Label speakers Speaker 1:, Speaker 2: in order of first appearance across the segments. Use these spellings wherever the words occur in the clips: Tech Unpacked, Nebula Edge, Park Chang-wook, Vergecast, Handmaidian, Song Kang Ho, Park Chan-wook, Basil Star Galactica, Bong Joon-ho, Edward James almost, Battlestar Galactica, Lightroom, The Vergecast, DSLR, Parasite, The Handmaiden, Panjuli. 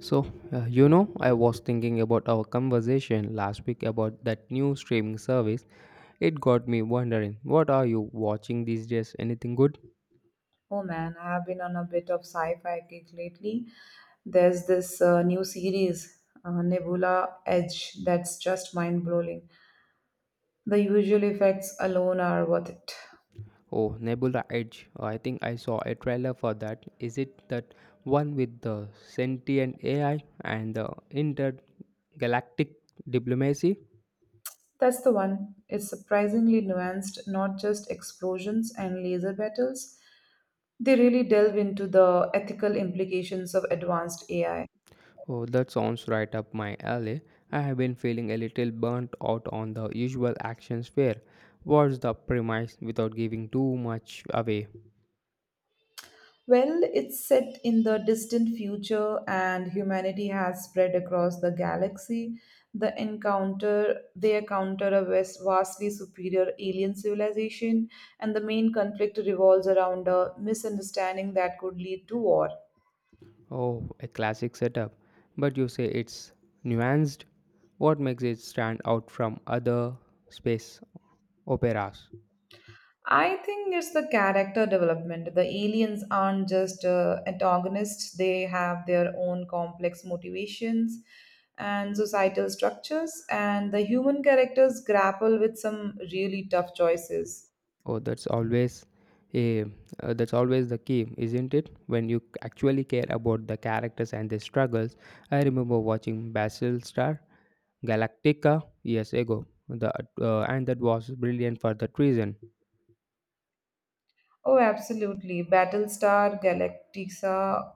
Speaker 1: So, I was thinking about our conversation last week about that new streaming service. It got me wondering, what are you watching these days? Anything good?
Speaker 2: Oh man, I have been on a bit of sci-fi kick lately. There's this new series, Nebula Edge, that's just mind-blowing. The usual effects alone are worth it.
Speaker 1: Oh, Nebula Edge. I think I saw a trailer for that. Is it that one with the sentient AI and the intergalactic diplomacy?
Speaker 2: That's the one. It's surprisingly nuanced, not just explosions and laser battles. They really delve into the ethical implications of advanced AI.
Speaker 1: Oh, that sounds right up my alley. I have been feeling a little burnt out on the usual action sphere. What's the premise without giving too much away?
Speaker 2: Well, it's set in the distant future and humanity has spread across the galaxy. They encounter a vastly superior alien civilization and the main conflict revolves around a misunderstanding that could lead to war.
Speaker 1: Oh, a classic setup. But you say it's nuanced? What makes it stand out from other space operas?
Speaker 2: I think it's the character development. The aliens aren't just antagonists, they have their own complex motivations and societal structures, and the human characters grapple with some really tough choices.
Speaker 1: Oh, a that's always the key, isn't it? When you actually care about the characters and their struggles. I remember watching Basil Star Galactica years ago. And that was brilliant for that reason.
Speaker 2: Oh, absolutely. Battlestar Galactica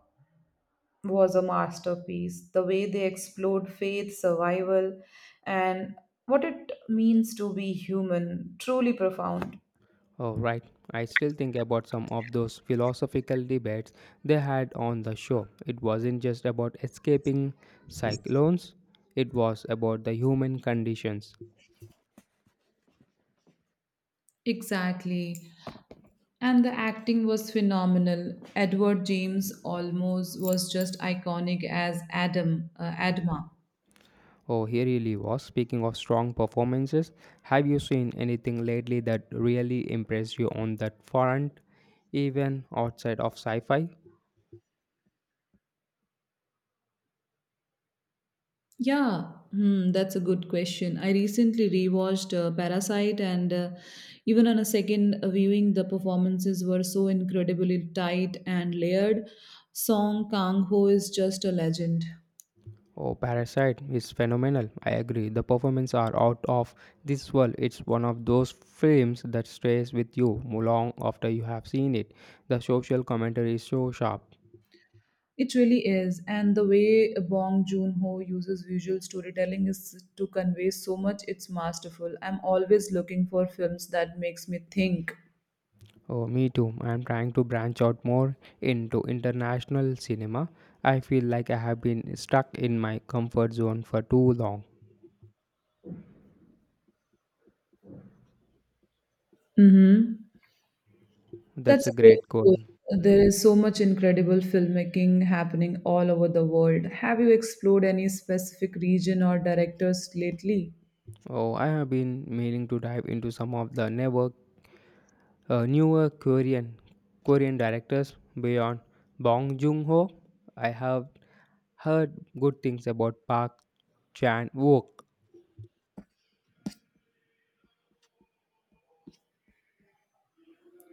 Speaker 2: was a masterpiece. The way they explored faith, survival, and what it means to be human, truly profound.
Speaker 1: Oh, right. I still think about some of those philosophical debates they had on the show. It wasn't just about escaping cyclones, it was about the human conditions.
Speaker 2: Exactly. And the acting was phenomenal. Edward James almost was just iconic as Adam, Adma.
Speaker 1: Oh, he really was. Speaking of strong performances, have you seen anything lately that really impressed you on that front, even outside of sci fi?
Speaker 2: Yeah, that's a good question. I recently rewatched Parasite, and even on a second viewing, the performances were so incredibly tight and layered. Song Kang Ho is just a legend.
Speaker 1: Oh, Parasite is phenomenal. I agree. The performances are out of this world. It's one of those films that stays with you long after you have seen it. The social commentary is so sharp.
Speaker 2: It really is, and the way Bong Joon-ho uses visual storytelling is to convey so much. It's masterful. I'm always looking for films that makes me think.
Speaker 1: Oh, me too. I'm trying to branch out more into international cinema. I feel like I have been stuck in my comfort zone for too long.
Speaker 2: Mm-hmm.
Speaker 1: That's
Speaker 2: That's
Speaker 1: a
Speaker 2: a great
Speaker 1: great goal.
Speaker 2: goal. There is so much incredible filmmaking happening all over the world. Have you explored any specific region or directors lately?
Speaker 1: Oh, I have been meaning to dive into some of the never newer Korean Korean directors beyond Bong Joon-ho. I have heard good things about Park Chan-wook.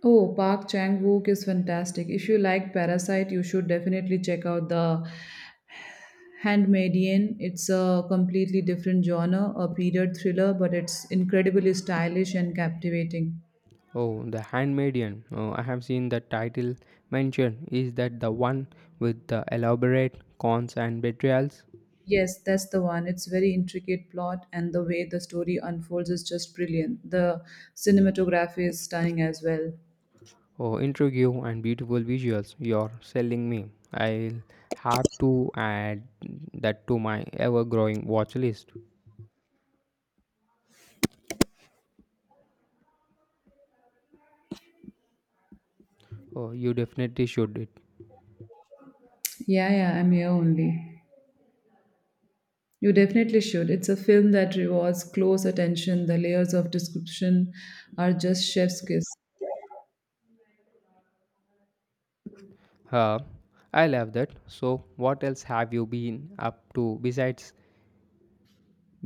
Speaker 2: Oh, Park Chang-wook is fantastic. If you like Parasite, you should definitely check out the Handmaidian, it's a completely different genre, a period thriller, but it's incredibly stylish and captivating.
Speaker 1: Oh, The Handmaiden. Oh, I have seen the title mentioned. Is that the one with the elaborate cons and betrayals?
Speaker 2: Yes, that's the one. It's very intricate plot and the way the story unfolds is just brilliant. The cinematography is stunning as well.
Speaker 1: Oh, intrigue and beautiful visuals. You're selling me. I'll have to add that to my ever-growing watch list. Oh, you definitely should. It
Speaker 2: Yeah, yeah, I'm here only. You definitely should. It's a film that rewards close attention. The layers of description are just chef's kiss.
Speaker 1: Uh, I love that. So, what else have you been up to besides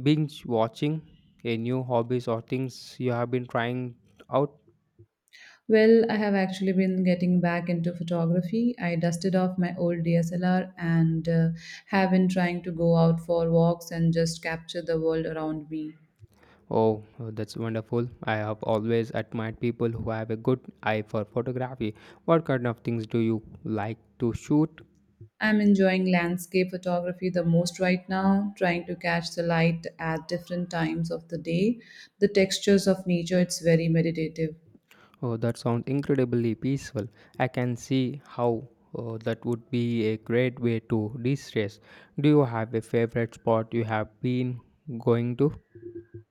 Speaker 1: binge watching? A new hobbies or things you have been trying out?
Speaker 2: Well, I have actually been getting back into photography. I dusted off my old DSLR and have been trying to go out for walks and just capture the world around me.
Speaker 1: Oh, that's wonderful. I have always admired people who have a good eye for photography. What kind of things do you like to shoot?
Speaker 2: I'm enjoying landscape photography the most right now, trying to catch the light at different times of the day, the textures of nature, it's very meditative.
Speaker 1: Oh, that sounds incredibly peaceful. I can see how that would be a great way to de stress. Do you have a favorite spot you have been going to?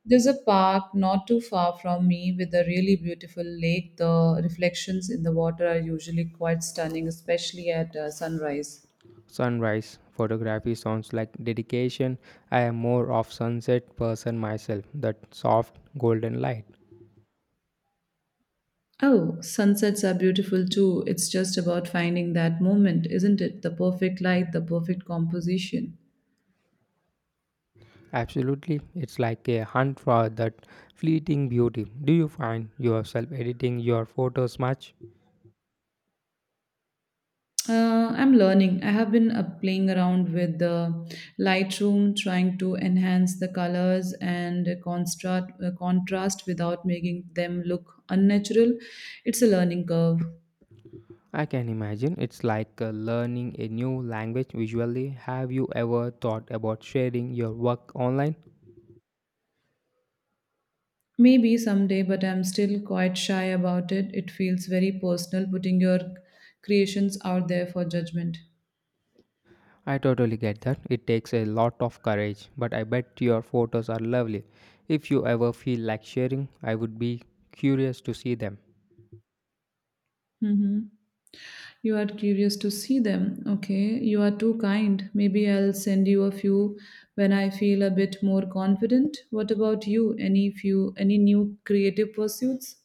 Speaker 2: There's a park not too far from me with a really beautiful lake. The reflections in the water are usually quite stunning, especially at sunrise.
Speaker 1: Sunrise photography sounds like dedication. I am more of sunset person myself, that soft golden light.
Speaker 2: Oh, sunsets are beautiful too. It's just about finding that moment, isn't it? The perfect light, the perfect composition.
Speaker 1: Absolutely, it's like a hunt for that fleeting beauty. Do you find yourself editing your photos much?
Speaker 2: I'm learning. I have been playing around with the Lightroom, trying to enhance the colors and contrast, contrast without making them look unnatural. It's a learning curve.
Speaker 1: I can imagine it's like learning a new language visually. Have you ever thought about sharing your work online?
Speaker 2: Maybe someday, but I'm still quite shy about it. It feels very personal putting your creations out there for judgment.
Speaker 1: I totally get that. It takes a lot of courage, but I bet your photos are lovely. If you ever feel like sharing, I would be curious to see them.
Speaker 2: Mm-hmm. You are curious to see them. Okay, you are too kind. Maybe I'll send you a few when I feel a bit more confident. What about you? Any new creative pursuits?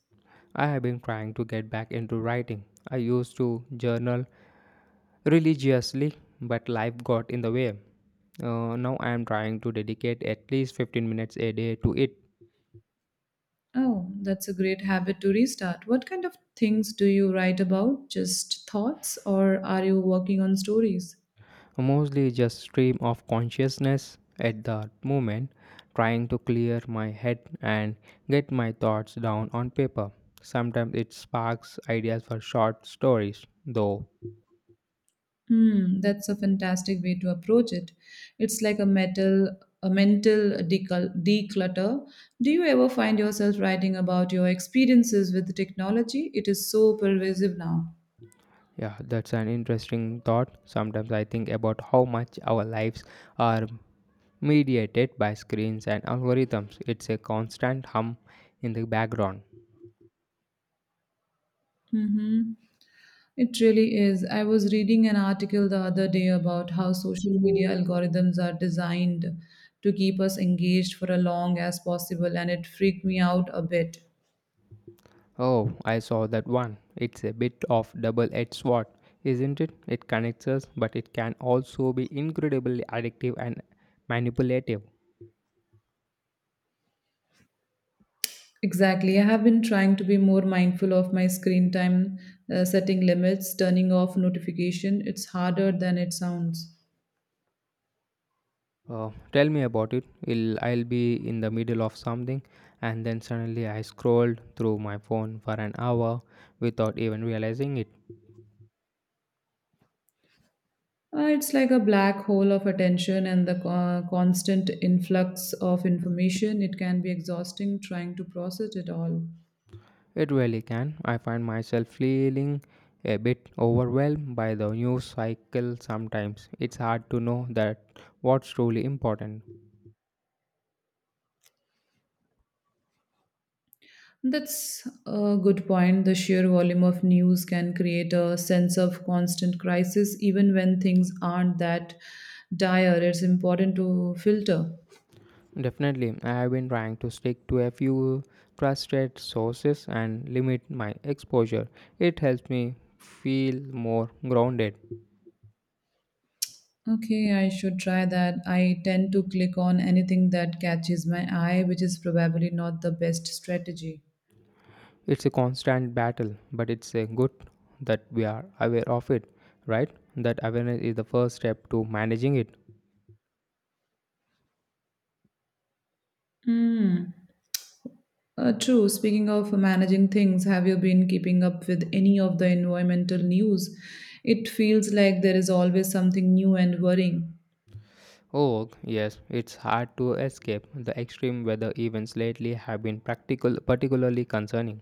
Speaker 1: I have been trying to get back into writing. I used to journal religiously, but life got in the way. Now I am trying to dedicate at least 15 minutes a day to it.
Speaker 2: Oh, that's a great habit to restart. What kind of things do you write about? Just thoughts or are you working on stories?
Speaker 1: Mostly just stream of consciousness at that moment, trying to clear my head and get my thoughts down on paper. Sometimes it sparks ideas for short stories though.
Speaker 2: That's a fantastic way to approach it. It's like a mental declutter. Do you ever find yourself writing about your experiences with the technology? It is so pervasive now.
Speaker 1: Yeah, that's an interesting thought. Sometimes I think about how much our lives are mediated by screens and algorithms. It's a constant hum in the background.
Speaker 2: Mm-hmm. It really is. I was reading an article the other day about how social media algorithms are designed to keep us engaged for as long as possible, and it freaked me out a bit.
Speaker 1: Oh, I saw that one. It's a bit of double-edged sword, isn't it? It connects us, but it can also be incredibly addictive and manipulative.
Speaker 2: Exactly. I have been trying to be more mindful of my screen time, setting limits, turning off notification. It's harder than it sounds.
Speaker 1: Tell me about it. I'll be in the middle of something, and then suddenly I scrolled through my phone for an hour without even realizing it.
Speaker 2: It's like a black hole of attention and the constant influx of information. It can be exhausting trying to process it all.
Speaker 1: It really can. I find myself feeling a bit overwhelmed by the news cycle sometimes. It's hard to know that what's truly important.
Speaker 2: That's a good point. The sheer volume of news can create a sense of constant crisis, even when things aren't that dire. It's important to filter.
Speaker 1: Definitely, I have been trying to stick to a few trusted sources and limit my exposure. It helps me feel more grounded.
Speaker 2: Okay, I should try that. I tend to click on anything that catches my eye, which is probably not the best strategy.
Speaker 1: It's a constant battle, but it's a good that we are aware of it, right? That awareness is the first step to managing it.
Speaker 2: Hmm. True. Speaking of managing things, have you been keeping up with any of the environmental news? It feels like there is always something new and worrying.
Speaker 1: Oh, yes, it's hard to escape. The extreme weather events lately have been practical particularly concerning.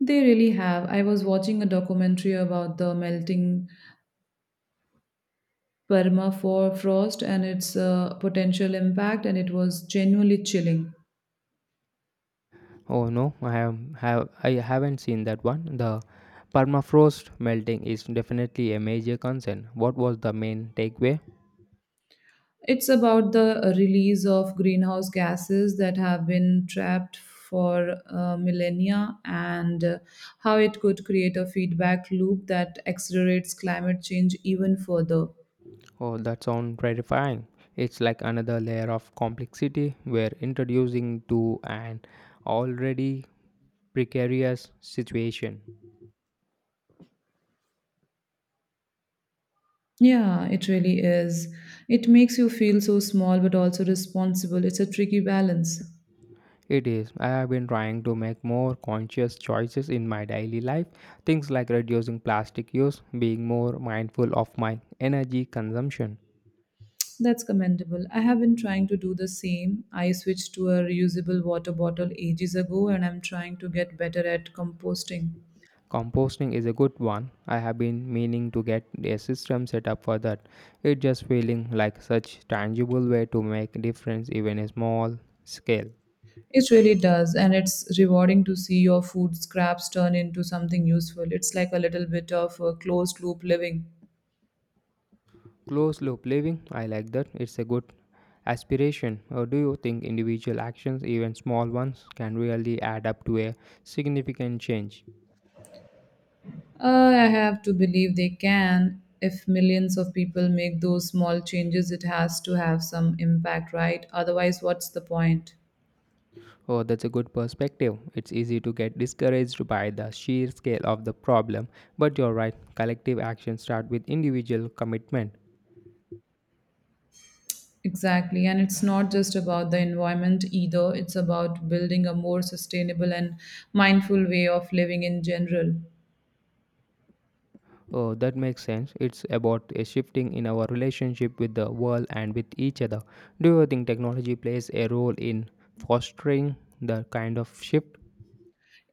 Speaker 2: They really have. I was watching a documentary about the melting permafrost and its potential impact, and it was genuinely chilling.
Speaker 1: Oh no, I haven't seen that one. The permafrost melting is definitely a major concern. What was the main takeaway?
Speaker 2: It's about the release of greenhouse gases that have been trapped for millennia and how it could create a feedback loop that accelerates climate change even further.
Speaker 1: Oh, that sounds terrifying. It's like another layer of complexity we're introducing to an already precarious situation.
Speaker 2: Yeah, it really is. It makes you feel so small but also responsible. It's a tricky balance.
Speaker 1: It is. I have been trying to make more conscious choices in my daily life. Things like reducing plastic use, being more mindful of my energy consumption.
Speaker 2: That's commendable. I have been trying to do the same. I switched to a reusable water bottle ages ago and I'm trying to get better at composting.
Speaker 1: Composting is a good one. I have been meaning to get a system set up for that. It just feeling like such tangible way to make difference even a small scale.
Speaker 2: It really does, and it's rewarding to see your food scraps turn into something useful. It's like a little bit of a closed loop living.
Speaker 1: Closed loop living, I like that. It's a good aspiration. Or do you think individual actions, even small ones, can really add up to a significant change?
Speaker 2: I have to believe they can. If millions of people make those small changes, it has to have some impact, right? Otherwise, what's the point?
Speaker 1: Oh, that's a good perspective. It's easy to get discouraged by the sheer scale of the problem, but you're right. Collective actions start with individual commitment.
Speaker 2: Exactly, and it's not just about the environment either, it's about building a more sustainable and mindful way of living in general.
Speaker 1: Oh, that makes sense. It's about a shifting in our relationship with the world and with each other. Do you think technology plays a role in fostering the kind of shift?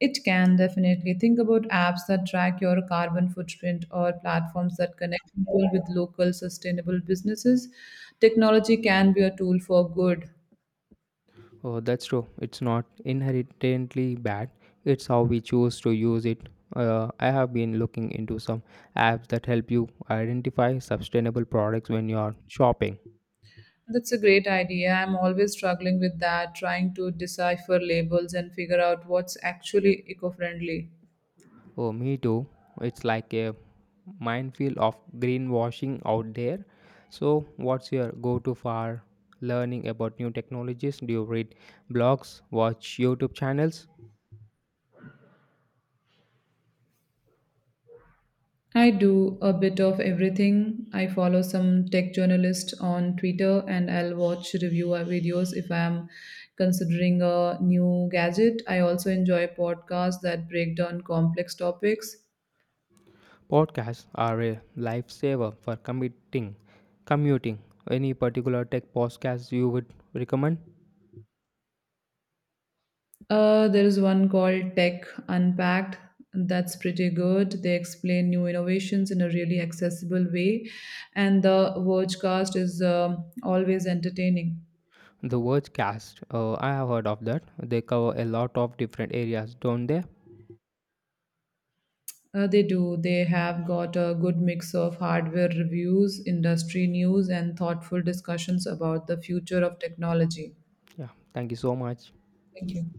Speaker 2: It can definitely think about apps that track your carbon footprint or platforms that connect people with local sustainable businesses. Technology can be a tool for good.
Speaker 1: Oh, that's true. It's not inherently bad. It's how we choose to use it. I have been looking into some apps that help you identify sustainable products when you are shopping.
Speaker 2: That's a great idea. I'm always struggling with that, trying to decipher labels and figure out what's actually eco friendly.
Speaker 1: Oh, me too. It's like a minefield of greenwashing out there. So, what's your go to for learning about new technologies? Do you read blogs, watch YouTube channels?
Speaker 2: I do a bit of everything. I follow some tech journalists on Twitter and I'll watch review videos if I'm considering a new gadget. I also enjoy podcasts that break down complex topics.
Speaker 1: Podcasts are a lifesaver for commuting. Commuting. Any particular tech podcast you would recommend?
Speaker 2: There is one called Tech Unpacked that's pretty good. They explain new innovations in a really accessible way, and the Vergecast is always entertaining.
Speaker 1: The Vergecast. I have heard of that. They cover a lot of different areas, don't they?
Speaker 2: They do. They have got a good mix of hardware reviews, industry news, and thoughtful discussions about the future of technology.
Speaker 1: Yeah. Thank you so much.
Speaker 2: Thank you.